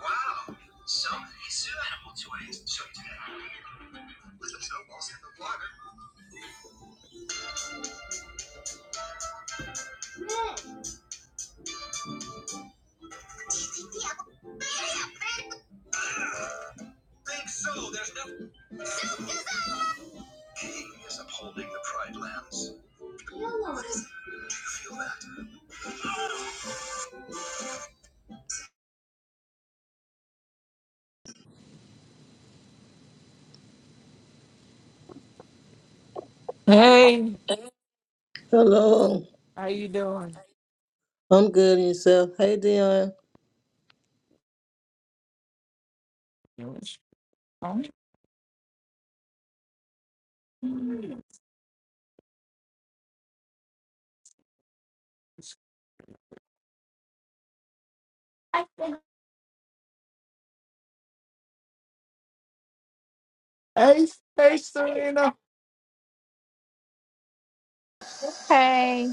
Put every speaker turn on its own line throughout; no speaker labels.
Wow! So he zoo animal toys to show you today. With the snowballs and the blogger. Think so, there's no king is upholding the pride lands. Hey,
Hello,
how you doing?
I'm good in yourself. Hey, Dion,
Hey, hey, Serena.
Hey,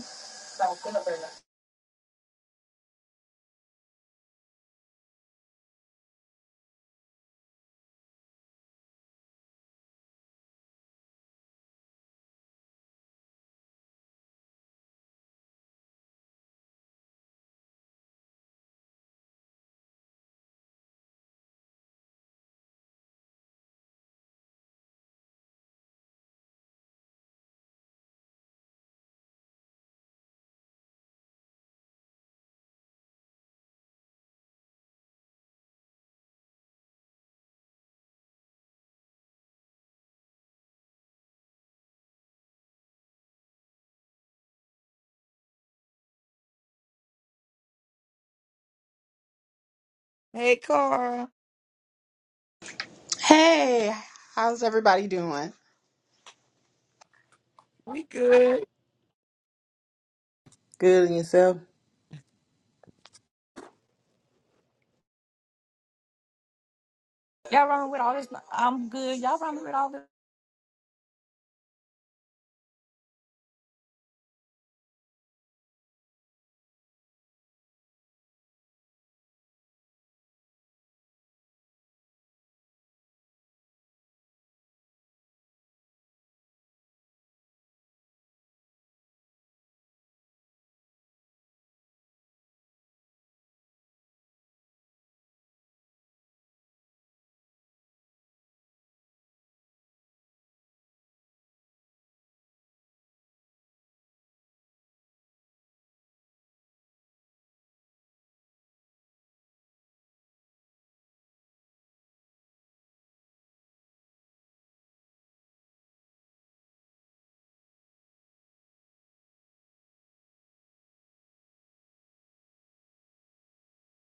Hey, Cara.
Hey, how's everybody doing?
We good.
good in yourself.
y'all running with all this? I'm good. Y'all running with all this?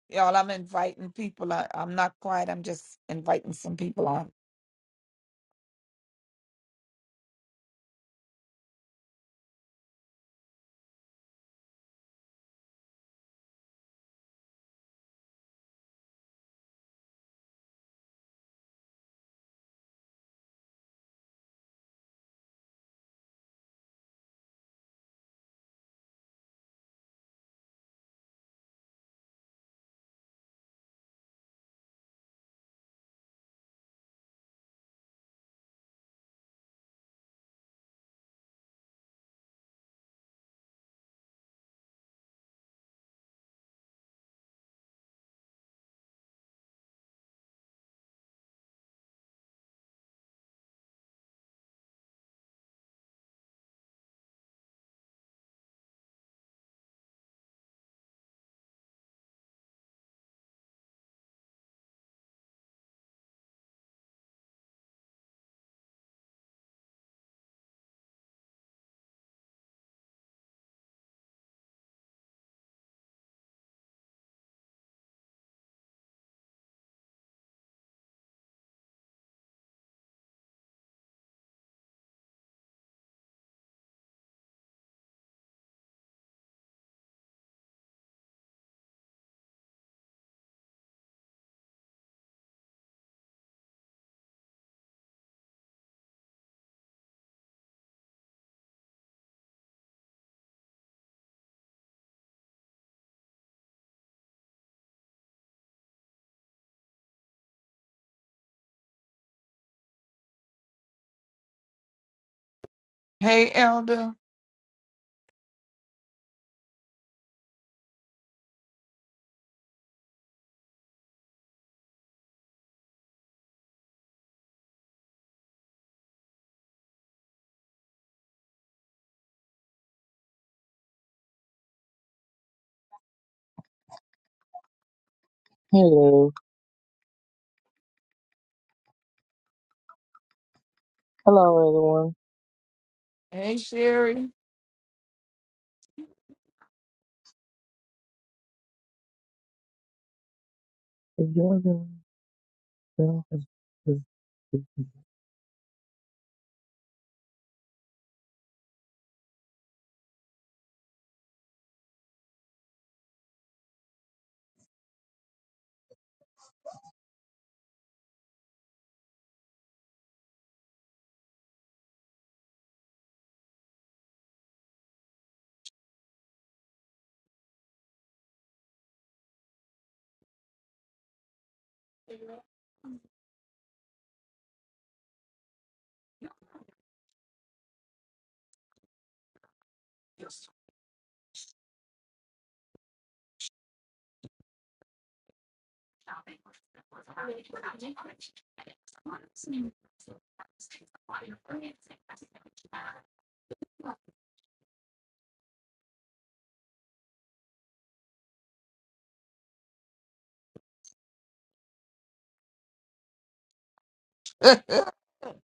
Y'all, I'm inviting people. I, I'm not quiet. I'm just inviting some people on. Hey, Elder.
Hello. Hello, everyone.
Hey, Sherry.
If You're doing well. if- if- if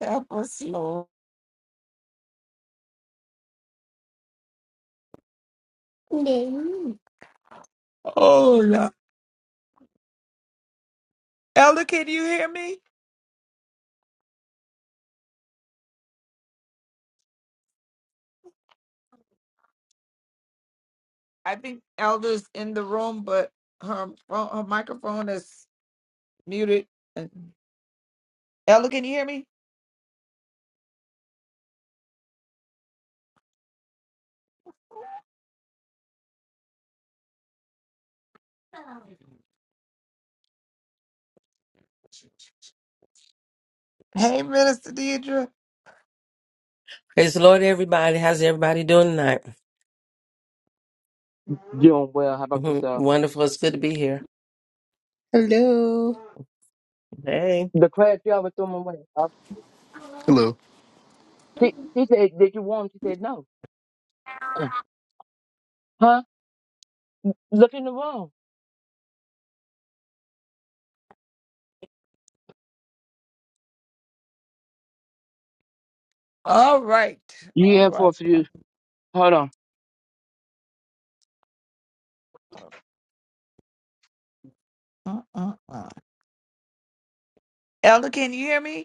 Help us, Lord. Oh, Lord. Elder, can you hear me? I think Elder's in the room, but her phone, her microphone is muted. And Elder, can you hear me? Hey, Minister Deidre.
Praise the Lord, everybody. How's everybody doing tonight?
Doing well. How about yourself?
Wonderful. It's good to be here.
Hello.
Hey.
The class driver threw my way. Uh,
Hello.
She, she said, Did you want? 'em?" She said, No. Uh, huh? Look in the room.
All right. All
Yeah, for a
right.
few. Hold on.
Uh, uh, uh. Elder, can you hear me?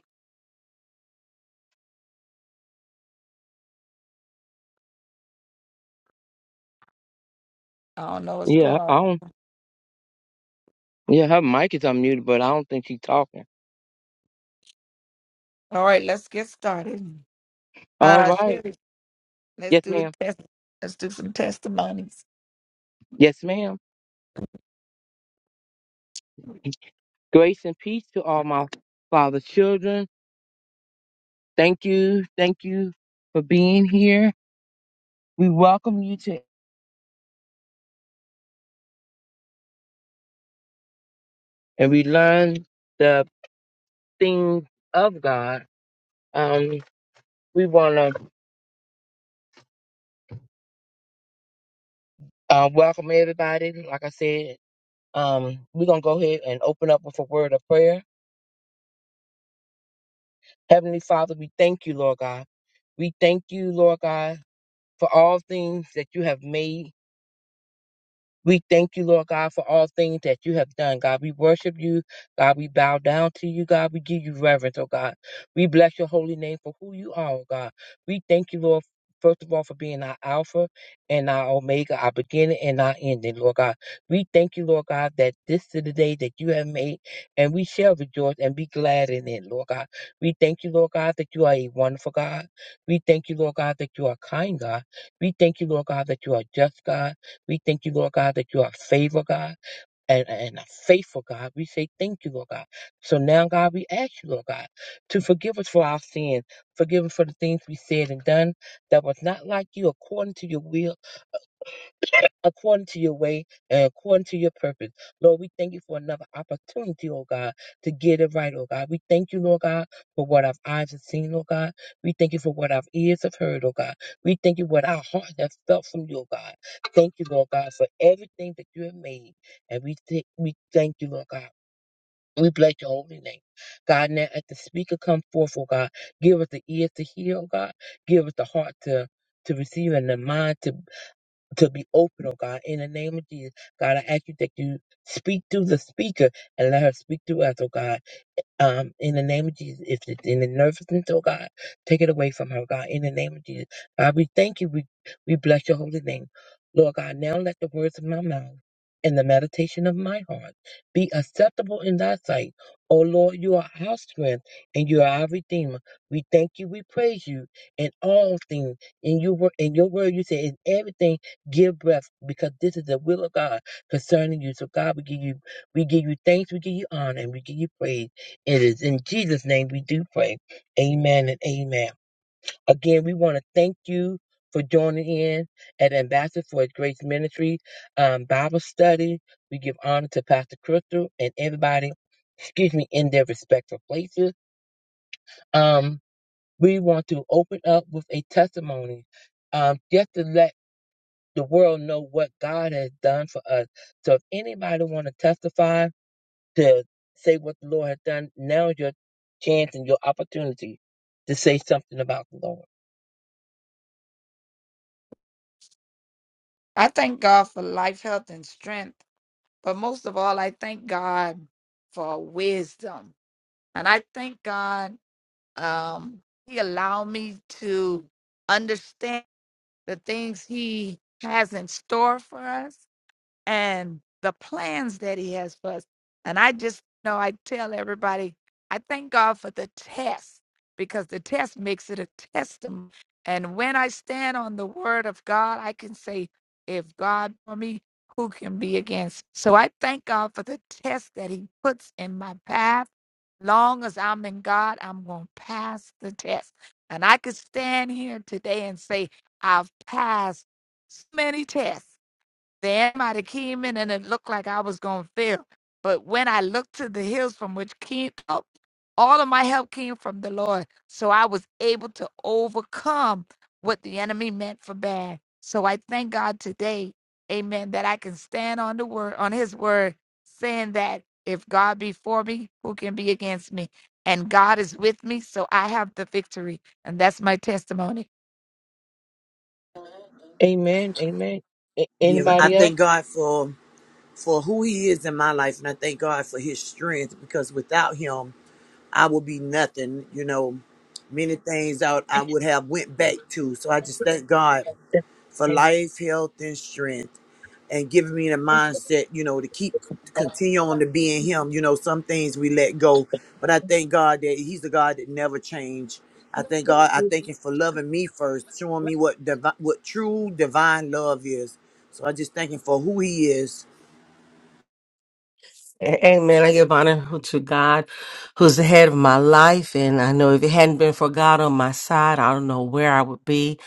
I don't know what's
Yeah,
going
I
on.
don't. Yeah, her mic is unmuted, but I don't think she's talking.
All right, let's get started.
All
Uh,
right.
Sherry, let's
Yes,
do a
ma'am.
test. Let's do some testimonies.
Yes, ma'am. Grace and peace to all my father's children. Thank you. Thank you for being here. We welcome you to, and we learn. thing of God. Um, we want to uh, welcome everybody. Like I said, um, we're going to go ahead and open up with a word of prayer. Heavenly Father, we thank you, Lord God. We thank you, Lord God, for all things that you have made. We thank you, Lord God, for all things that you have done. God, we worship you. God, we bow down to you. God, we give you reverence, oh God. We bless your holy name for who you are, oh God. We thank you, Lord. First of all, for being our Alpha and our Omega, our beginning and our ending, Lord God. We thank you, Lord God, that this is the day that you have made, and we shall rejoice and be glad in it, Lord God. We thank you, Lord God, that you are a wonderful God. We thank you, Lord God, that you are a kind God. We thank you, Lord God, that you are just God. We thank you, Lord God, that you are favor, God, and, and a faithful God. We say thank you, Lord God. So now, God, we ask you, Lord God, to forgive us for our sins, forgive us for the things we said and done that was not like you according to your will according to your way and according to your purpose. Lord, we thank you for another opportunity, oh God, to get it right, oh God. We thank you, Lord God, for what our eyes have seen, oh God. We thank you for what our ears have heard, oh God. We thank you for what our heart has felt from you, oh God. Thank you, Lord God, for everything that you have made. And we th- we thank you, Lord God. We bless your holy name. God, now as the speaker come forth, oh God, give us the ears to hear, oh God. Give us the heart to to receive and the mind to to be open, oh God, in the name of Jesus. God, I ask you that you speak through the speaker and let her speak through us, oh God. Um, in the name of Jesus, if it's in the nervousness, oh God, take it away from her, God. In the name of Jesus, God, we thank you. We we bless your holy name, Lord God. Now let the words of my mouth and the meditation of my heart be acceptable in thy sight. Oh Lord, you are our strength and you are our redeemer. We thank you. We praise you in all things. In your word, in your word, you say in everything give breath because this is the will of God concerning you. So God, we give you we give you thanks, we give you honor, and we give you praise. It is in Jesus' name we do pray. Amen and amen. Again, we want to thank you for joining in at Ambassador for His Grace Ministry um, Bible study. We give honor to Pastor Crystal and everybody, excuse me, in their respective places. Um, we want to open up with a testimony um, just to let the world know what God has done for us. So if anybody want to testify, to say what the Lord has done. Now is your chance and your opportunity to say something about the Lord.
I thank God for life, health, and strength. But most of all, I thank God for wisdom. And I thank God um, He allowed me to understand the things He has in store for us. and the plans that he has for us. And I just know I tell everybody, I thank God for the test because the test makes it a testimony. And when I stand on the word of God, I can say, if God for me, who can be against? So I thank God for the test that he puts in my path. Long as I'm in God, I'm going to pass the test. And I could stand here today and say, I've passed so many tests then somebody came in and it looked like I was going to fail. But when I looked to the hills from which came help, all of my help came from the Lord. So I was able to overcome what the enemy meant for bad. So I thank God today, amen, that I can stand on the word, on his word, saying that if God be for me, who can be against me? And God is with me, so I have the victory. And that's my testimony.
Amen. Amen. A-
Yeah, I
anybody else?
thank God for for who He is in my life, and I thank God for His strength because without Him, I would be nothing. You know, many things out I I would have went back to. So I just thank God for life, health, and strength, and giving me the mindset, you know, to keep to continue on to being Him. You know, some things we let go, but I thank God that He's the God that never change. I thank God. I thank Him for loving me first, showing me what divi- what true divine love is. So I just thank Him for who He is.
Amen. I give honor to God, who's the head of my life. And I know if it hadn't been for God on my side, I don't know where I would be.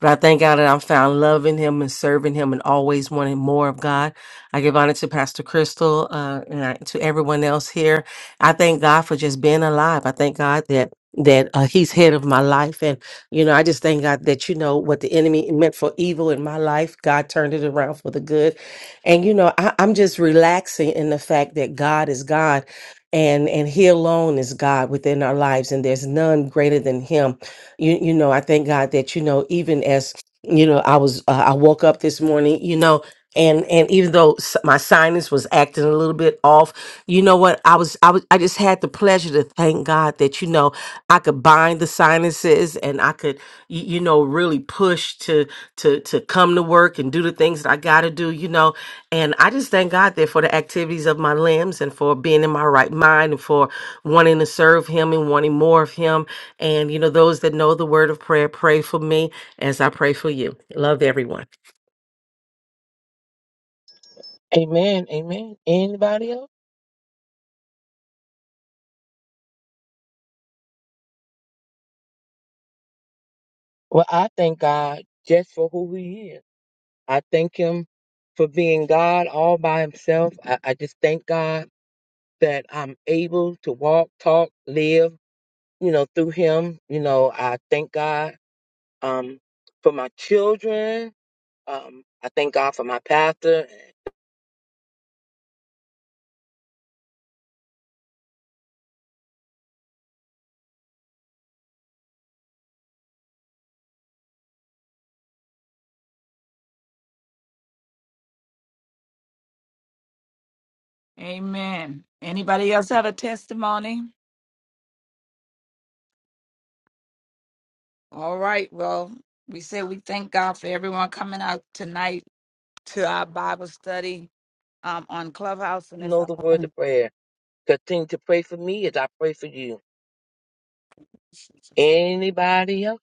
But I thank God that I'm found loving Him and serving Him and always wanting more of God. I give honor to Pastor Crystal uh, and I, to everyone else here. I thank God for just being alive. I thank God that that uh, He's head of my life, and you know, I just thank God that you know what the enemy meant for evil in my life, God turned it around for the good. And you know, I, I'm just relaxing in the fact that God is God and and He alone is God within our lives and there's none greater than Him. You you know, I thank God that, you know, even as you know, I was uh, I woke up this morning, you know, and and even though s- my sinus was acting a little bit off, you know what? I was I was I just had the pleasure to thank God that you know I could bind the sinuses and I could y- you know really push to to to come to work and do the things that I got to do, you know and I just thank God there for the activities of my limbs and for being in my right mind and for wanting to serve Him and wanting more of Him. And, you know, those that know the word of prayer, pray for me as I pray for you. Love everyone.
Amen. Amen. Anybody else? Well, I thank God just for who He is. I thank Him for being God all by Himself. I, I just thank God that I'm able to walk, talk, live, you know, through Him. You know, I thank God um, for my children. Um, I thank God for my pastor. And
Amen. Anybody else have a testimony? All right. Well, we say we thank God for everyone coming out tonight to our Bible study um, on Clubhouse. And
You
it's
know the word
on.
of prayer. Continue to pray for me as I pray for you. Anybody else?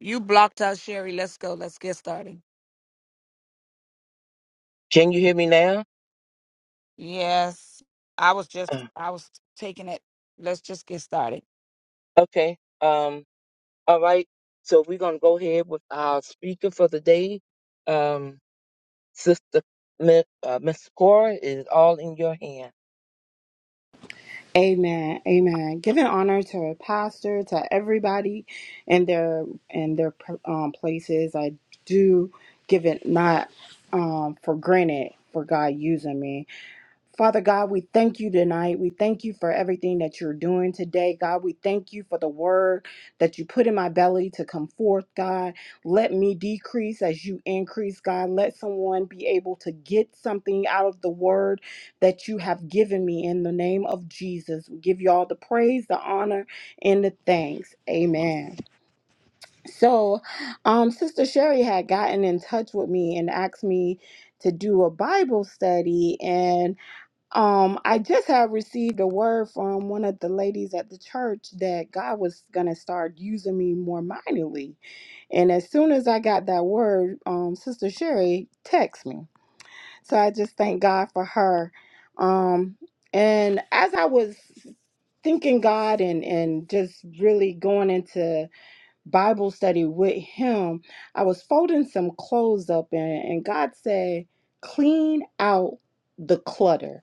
you blocked us, Sherry. Let's go. Let's get started.
Can you hear me now?
Yes, I was just
Uh,
I was taking it. Let's just get started.
okay. Um, all right. So we're going to go ahead with our speaker for the day. Um, Sister Mi- uh, Miss Cora, it is all in your hands.
Amen. Amen. Giving honor to a pastor, to everybody in their in their um, places. I do give it not um, for granted for God using me. Father God, we thank you tonight. We thank you for everything that you're doing today. God, we thank you for the word that you put in my belly to come forth, God. Let me decrease as you increase, God. Let someone be able to get something out of the word that you have given me in the name of Jesus. We give you all the praise, the honor, and the thanks. Amen. So, um, Sister Sherry had gotten in touch with me and asked me to do a Bible study and um, I just have received a word from one of the ladies at the church that God was gonna start using me more mightily. And as soon as I got that word, um, Sister Sherry texted me. So I just thank God for her. Um, and as I was thinking God and and just really going into Bible study with Him, I was folding some clothes up, and, and God said, "Clean out the clutter."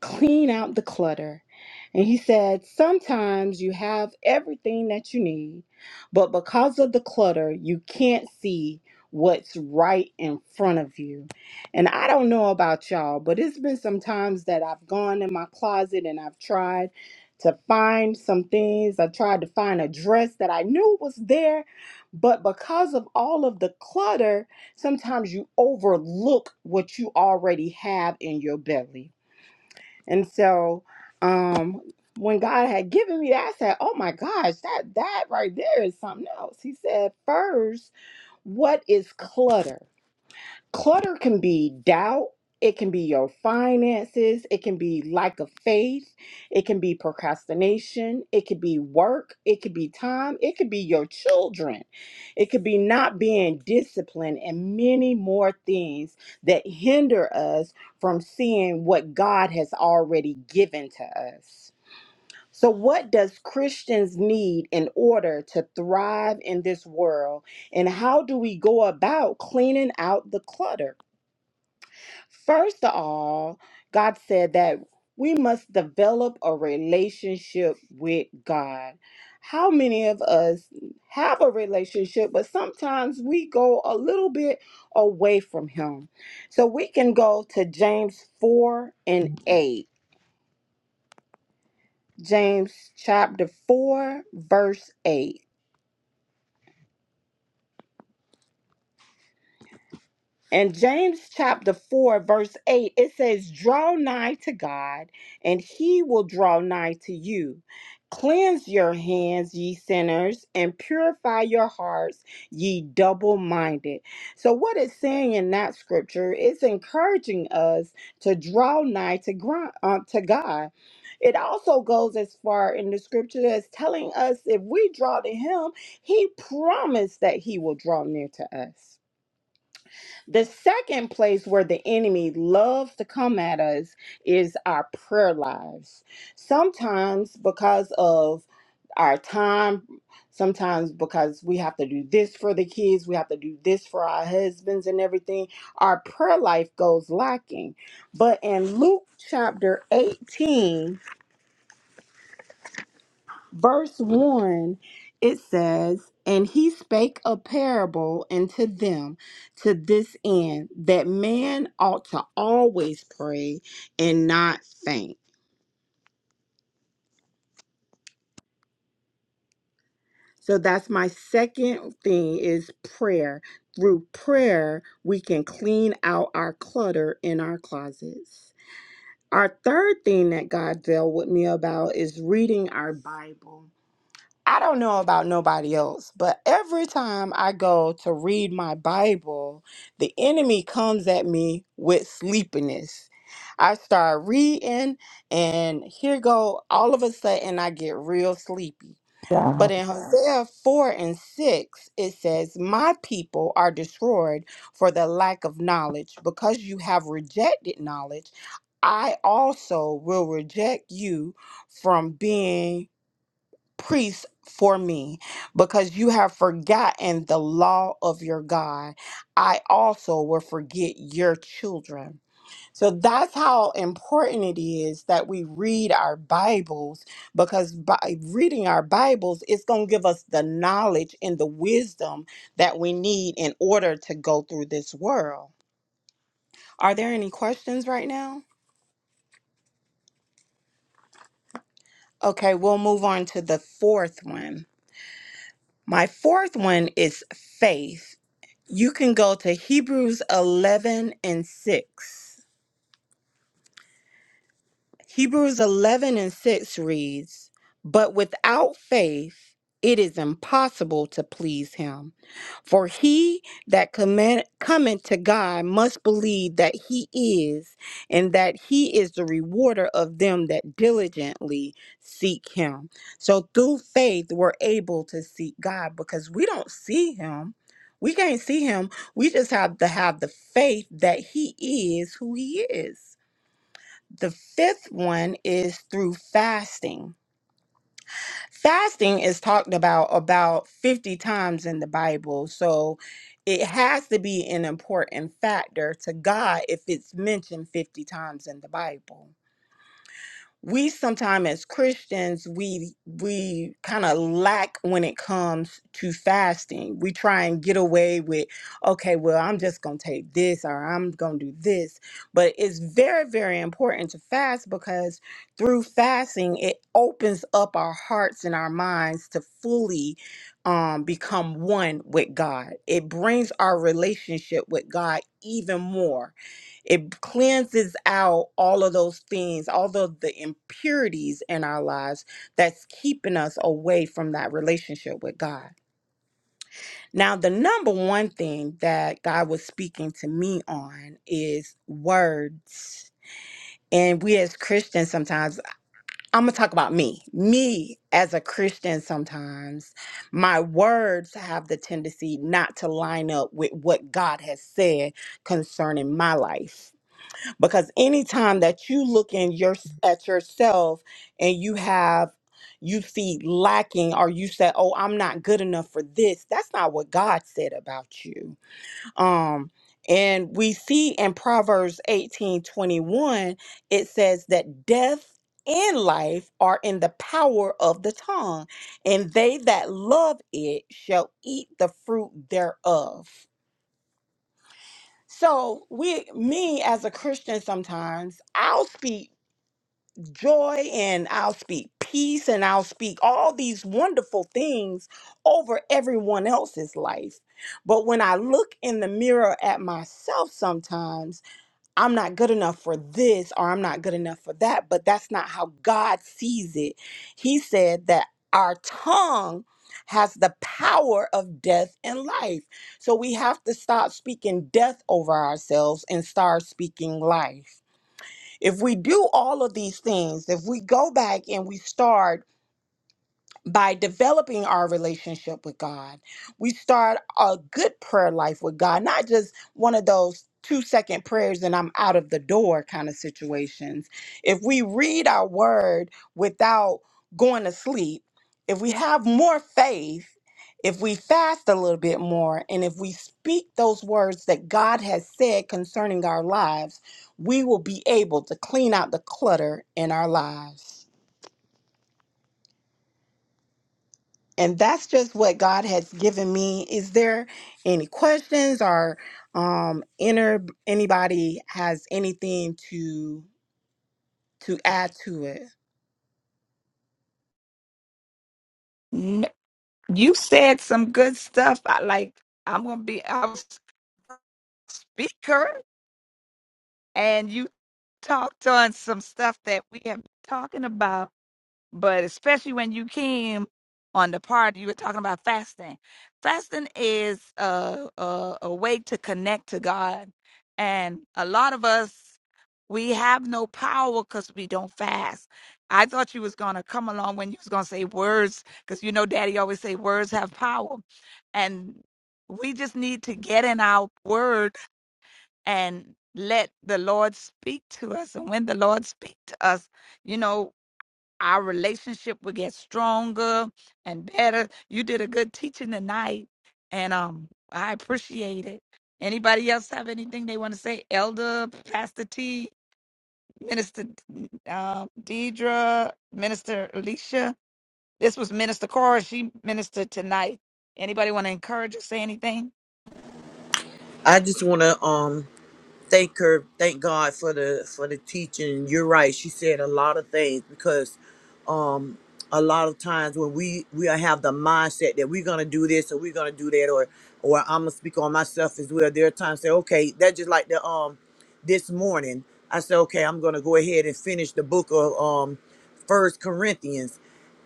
clean out the clutter. And he said, Sometimes you have everything that you need, but because of the clutter, you can't see what's right in front of you. And I don't know about y'all, but it's been some times that I've gone in my closet and I've tried to find some things. I tried to find a dress that I knew was there, but because of all of the clutter, sometimes you overlook what you already have in your belly. And so um when God had given me that, I said, Oh my gosh, that that right there is something else. He said, first, what is clutter? clutter can be doubt it can be your finances it can be lack of faith it can be procrastination it could be work it could be time it could be your children it could be not being disciplined and many more things that hinder us from seeing what god has already given to us so what does christians need in order to thrive in this world and how do we go about cleaning out the clutter First of all, God said that we must develop a relationship with God. How many of us have a relationship, but sometimes we go a little bit away from Him? So we can go to James 4 and 8. James chapter 4, verse 8. In James chapter 4, verse 8, it says, Draw nigh to God, and he will draw nigh to you. Cleanse your hands, ye sinners, and purify your hearts, ye double minded. So, what it's saying in that scripture, it's encouraging us to draw nigh to, gro- uh, to God. It also goes as far in the scripture as telling us if we draw to Him, He promised that He will draw near to us. The second place where the enemy loves to come at us is our prayer lives. Sometimes because of our time, sometimes because we have to do this for the kids, we have to do this for our husbands and everything, our prayer life goes lacking. But in Luke chapter 18, verse 1 it says and he spake a parable unto them to this end that man ought to always pray and not faint so that's my second thing is prayer through prayer we can clean out our clutter in our closets our third thing that god dealt with me about is reading our bible I don't know about nobody else, but every time I go to read my Bible, the enemy comes at me with sleepiness. I start reading, and here go all of a sudden I get real sleepy. But
Wow.
in Wow. Hosea 4 and 6, it says, My people are destroyed for the lack of knowledge. Because you have rejected knowledge, I also will reject you from being priest for me because you have forgotten the law of your God. I also will forget your children. So that's how important it is that we read our Bibles because by reading our Bibles, it's going to give us the knowledge and the wisdom that we need in order to go through this world. Are there any questions right now? Okay, we'll move on to the fourth one. My fourth one is faith. You can go to Hebrews 11 and 6. Hebrews 11 and 6 reads, But without faith, it is impossible to please him. For he that commit, cometh to God must believe that he is, and that he is the rewarder of them that diligently seek him. So through faith, we're able to seek God because we don't see him. We can't see him. We just have to have the faith that he is who he is. The fifth one is through fasting. Fasting is talked about about 50 times in the Bible. So it has to be an important factor to God if it's mentioned 50 times in the Bible we sometimes as Christians we we kind of lack when it comes to fasting. We try and get away with okay, well, I'm just going to take this or I'm going to do this. But it's very very important to fast because through fasting it opens up our hearts and our minds to fully um, become one with God. It brings our relationship with God even more it cleanses out all of those things, all of the impurities in our lives that's keeping us away from that relationship with God. Now, the number one thing that God was speaking to me on is words. And we as Christians sometimes, I'm gonna talk about me. Me as a Christian sometimes, my words have the tendency not to line up with what God has said concerning my life because anytime that you look in your at yourself and you have you see lacking or you say oh i'm not good enough for this that's not what god said about you um and we see in proverbs 18 21, it says that death and life are in the power of the tongue and they that love it shall eat the fruit thereof so we me as a Christian sometimes I'll speak joy and I'll speak peace and I'll speak all these wonderful things over everyone else's life. But when I look in the mirror at myself sometimes, I'm not good enough for this or I'm not good enough for that, but that's not how God sees it. He said that our tongue has the power of death and life. So we have to stop speaking death over ourselves and start speaking life. If we do all of these things, if we go back and we start by developing our relationship with God, we start a good prayer life with God, not just one of those two second prayers and I'm out of the door kind of situations. If we read our word without going to sleep, if we have more faith, if we fast a little bit more, and if we speak those words that God has said concerning our lives, we will be able to clean out the clutter in our lives. and that's just what God has given me. Is there any questions or um inner anybody has anything to to add to it?
N- You said some good stuff. I like. I'm gonna be our speaker, and you talked on some stuff that we have been talking about But especially when you came on the part you were talking about fasting. Fasting is a, a, a way to connect to God. And a lot of us, we have no power because we don't fast. I thought you was going to come along when you was going to say words because you know daddy always say words have power. And we just need to get in our word and let the Lord speak to us. And when the Lord speak to us, you know our relationship will get stronger and better. You did a good teaching tonight, and um, I appreciate it. Anybody else have anything they want to say? Elder, Pastor T, Minister um, Deidre, Minister Alicia. This was Minister Cora. She ministered tonight. Anybody want to encourage or say anything?
I just want to um thank her, thank God for the for the teaching. You're right. She said a lot of things because um a lot of times when we we have the mindset that we're gonna do this or we're gonna do that or or I'm gonna speak on myself as well. There are times say, okay, that just like the um this morning I said, okay, I'm gonna go ahead and finish the book of um First Corinthians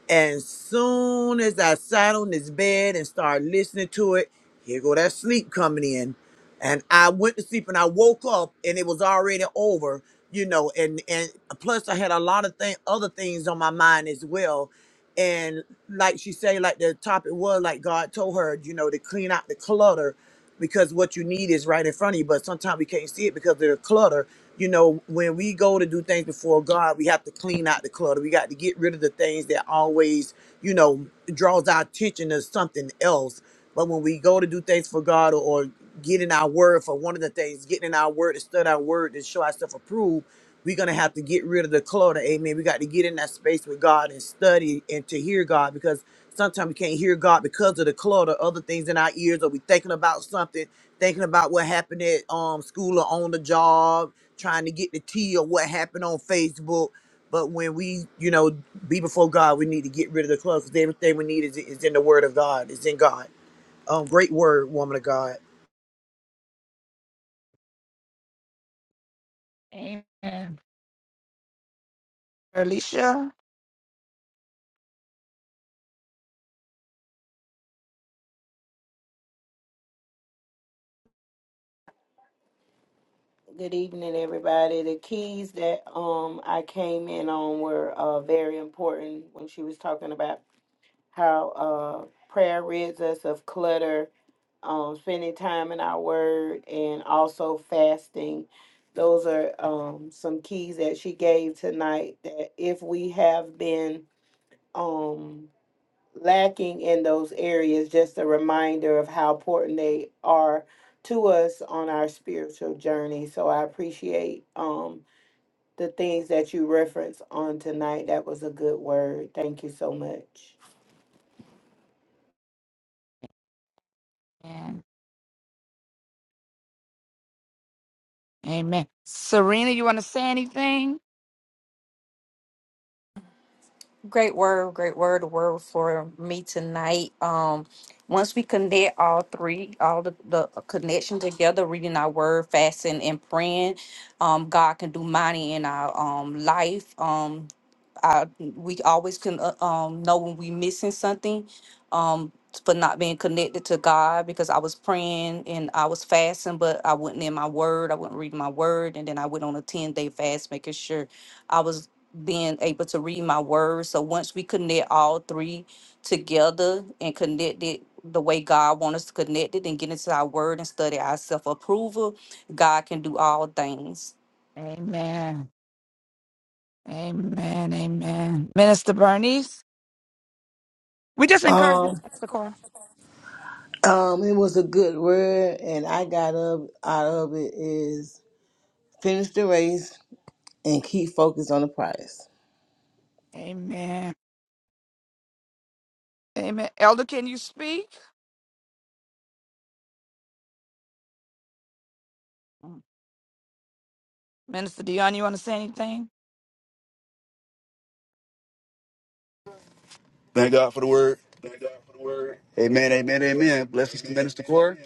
and soon as I sat on this bed and started listening to it, here go that sleep coming in. And I went to sleep and I woke up and it was already over, you know, and and plus I had a lot of thing other things on my mind as well. And like she said, like the topic was like God told her, you know, to clean out the clutter because what you need is right in front of you. But sometimes we can't see it because of the clutter. You know, when we go to do things before God, we have to clean out the clutter. We got to get rid of the things that always, you know, draws our attention to something else. But when we go to do things for God, or, get in our word for one of the things, getting in our word to study our word to show ourselves approved. We're gonna have to get rid of the clutter. Amen. We got to get in that space with God and study and to hear God because sometimes we can't hear God because of the clutter, other things in our ears, or we thinking about something, thinking about what happened at um school or on the job, trying to get the tea or what happened on Facebook. But when we, you know, be before God, we need to get rid of the clutter because everything we need is, is in the word of God, is in God. Um, great word, woman of God.
Amen. Alicia?
Good evening, everybody. The keys that um I came in on were uh very important when she was talking about how uh prayer rids us of clutter, um spending time in our word, and also fasting. Those are um some keys that she gave tonight that if we have been um lacking in those areas, just a reminder of how important they are to us on our spiritual journey. So I appreciate um, the things that you referenced on tonight. That was a good word. Thank you so much.
Amen. Amen. Serena, you want to say anything?
Great word, great word, word for me tonight. Um, once we connect all three, all the, the connection together, reading our word, fasting, and praying, um, God can do mighty in our um life. Um, I we always can uh, um know when we missing something, um, for not being connected to God because I was praying and I was fasting, but I wasn't in my word. I wasn't reading my word, and then I went on a ten day fast, making sure I was being able to read my words. So once we connect all three together and connect it the way God wants us to connect it and get into our word and study our self approval, God can do all things.
Amen. Amen. Amen. Minister Bernice? We just encourage you,
Um,
Pastor Cora.
um, it was a good word, and I got up out of it is finish the race and keep focused on the prize.
Amen. Amen. Elder, can you speak? Minister Dion, you want to say anything?
Thank God for the word. Thank God for the word. Amen, amen, amen. Blessings to Minister Core.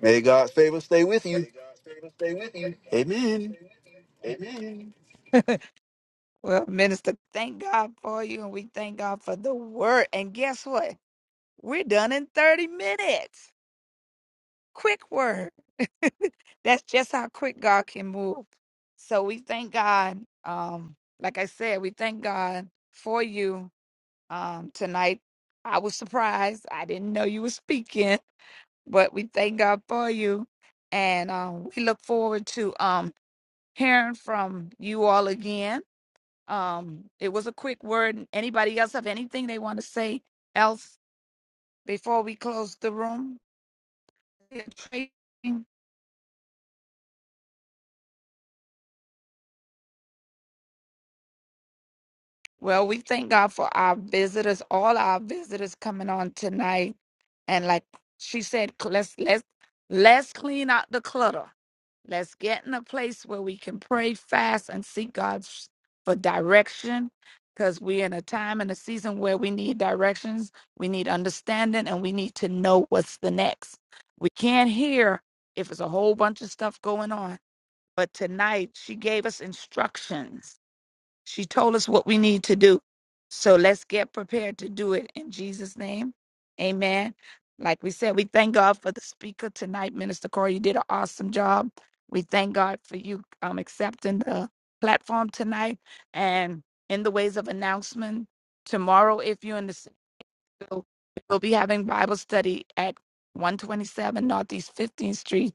May God's favor stay with you. May God's favor, stay with you. Amen. Amen.
Well, Minister, thank God for you, and we thank God for the word. And guess what? We're done in 30 minutes. quick word. That's just how quick God can move. So we thank God. Um, like I said, we thank God for you um, tonight. I was surprised. I didn't know you were speaking, but we thank God for you, and um, we look forward to um, hearing from you all again. Um, it was a quick word. Anybody else have anything they want to say else before we close the room? Well, we thank God for our visitors, all our visitors coming on tonight. And like she said, c- let's let's let's clean out the clutter. Let's get in a place where we can pray fast and seek God s- for direction. Because we're in a time and a season where we need directions, we need understanding, and we need to know what's the next. We can't hear if it's a whole bunch of stuff going on. But tonight she gave us instructions she told us what we need to do. So let's get prepared to do it in Jesus' name. Amen. Like we said, we thank God for the speaker tonight, Minister Corey. You did an awesome job. We thank God for you um, accepting the platform tonight and in the ways of announcement. Tomorrow, if you're in the city, we'll be having Bible study at 127 Northeast 15th Street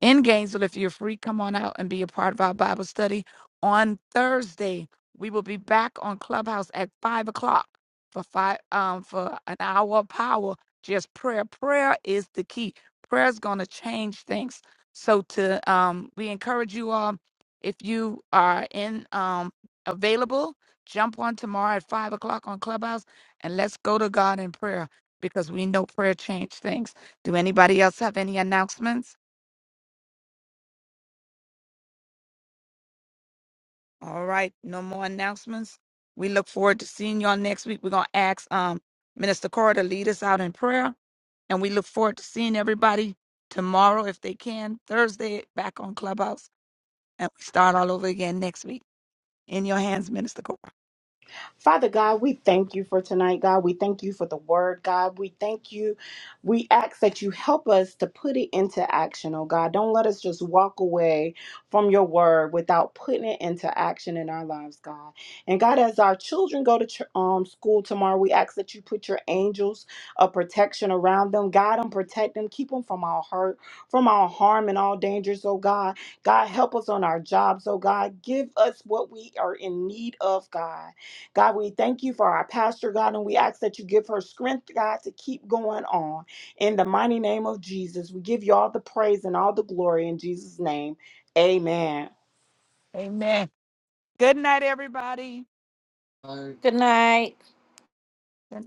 in Gainesville. If you're free, come on out and be a part of our Bible study on Thursday. We will be back on Clubhouse at five o'clock for five um for an hour of power. Just prayer. Prayer is the key. Prayer is gonna change things. So to um we encourage you all if you are in um available, jump on tomorrow at five o'clock on Clubhouse and let's go to God in prayer because we know prayer change things. Do anybody else have any announcements? All right, no more announcements. We look forward to seeing y'all next week. We're gonna ask um Minister Cora to lead us out in prayer, and we look forward to seeing everybody tomorrow if they can. Thursday back on Clubhouse, and we start all over again next week. In your hands, Minister Cora.
Father God, we thank you for tonight, God. We thank you for the word, God. We thank you. We ask that you help us to put it into action, oh God. Don't let us just walk away from your word without putting it into action in our lives, God. And God, as our children go to ch- um, school tomorrow, we ask that you put your angels of protection around them, guide them, protect them, keep them from all hurt, from all harm and all dangers, oh God. God, help us on our jobs, oh God. Give us what we are in need of, God. God, we thank you for our pastor, God, and we ask that you give her strength, God, to keep going on. In the mighty name of Jesus, we give you all the praise and all the glory in Jesus' name. Amen.
Amen. Good night, everybody. Good night.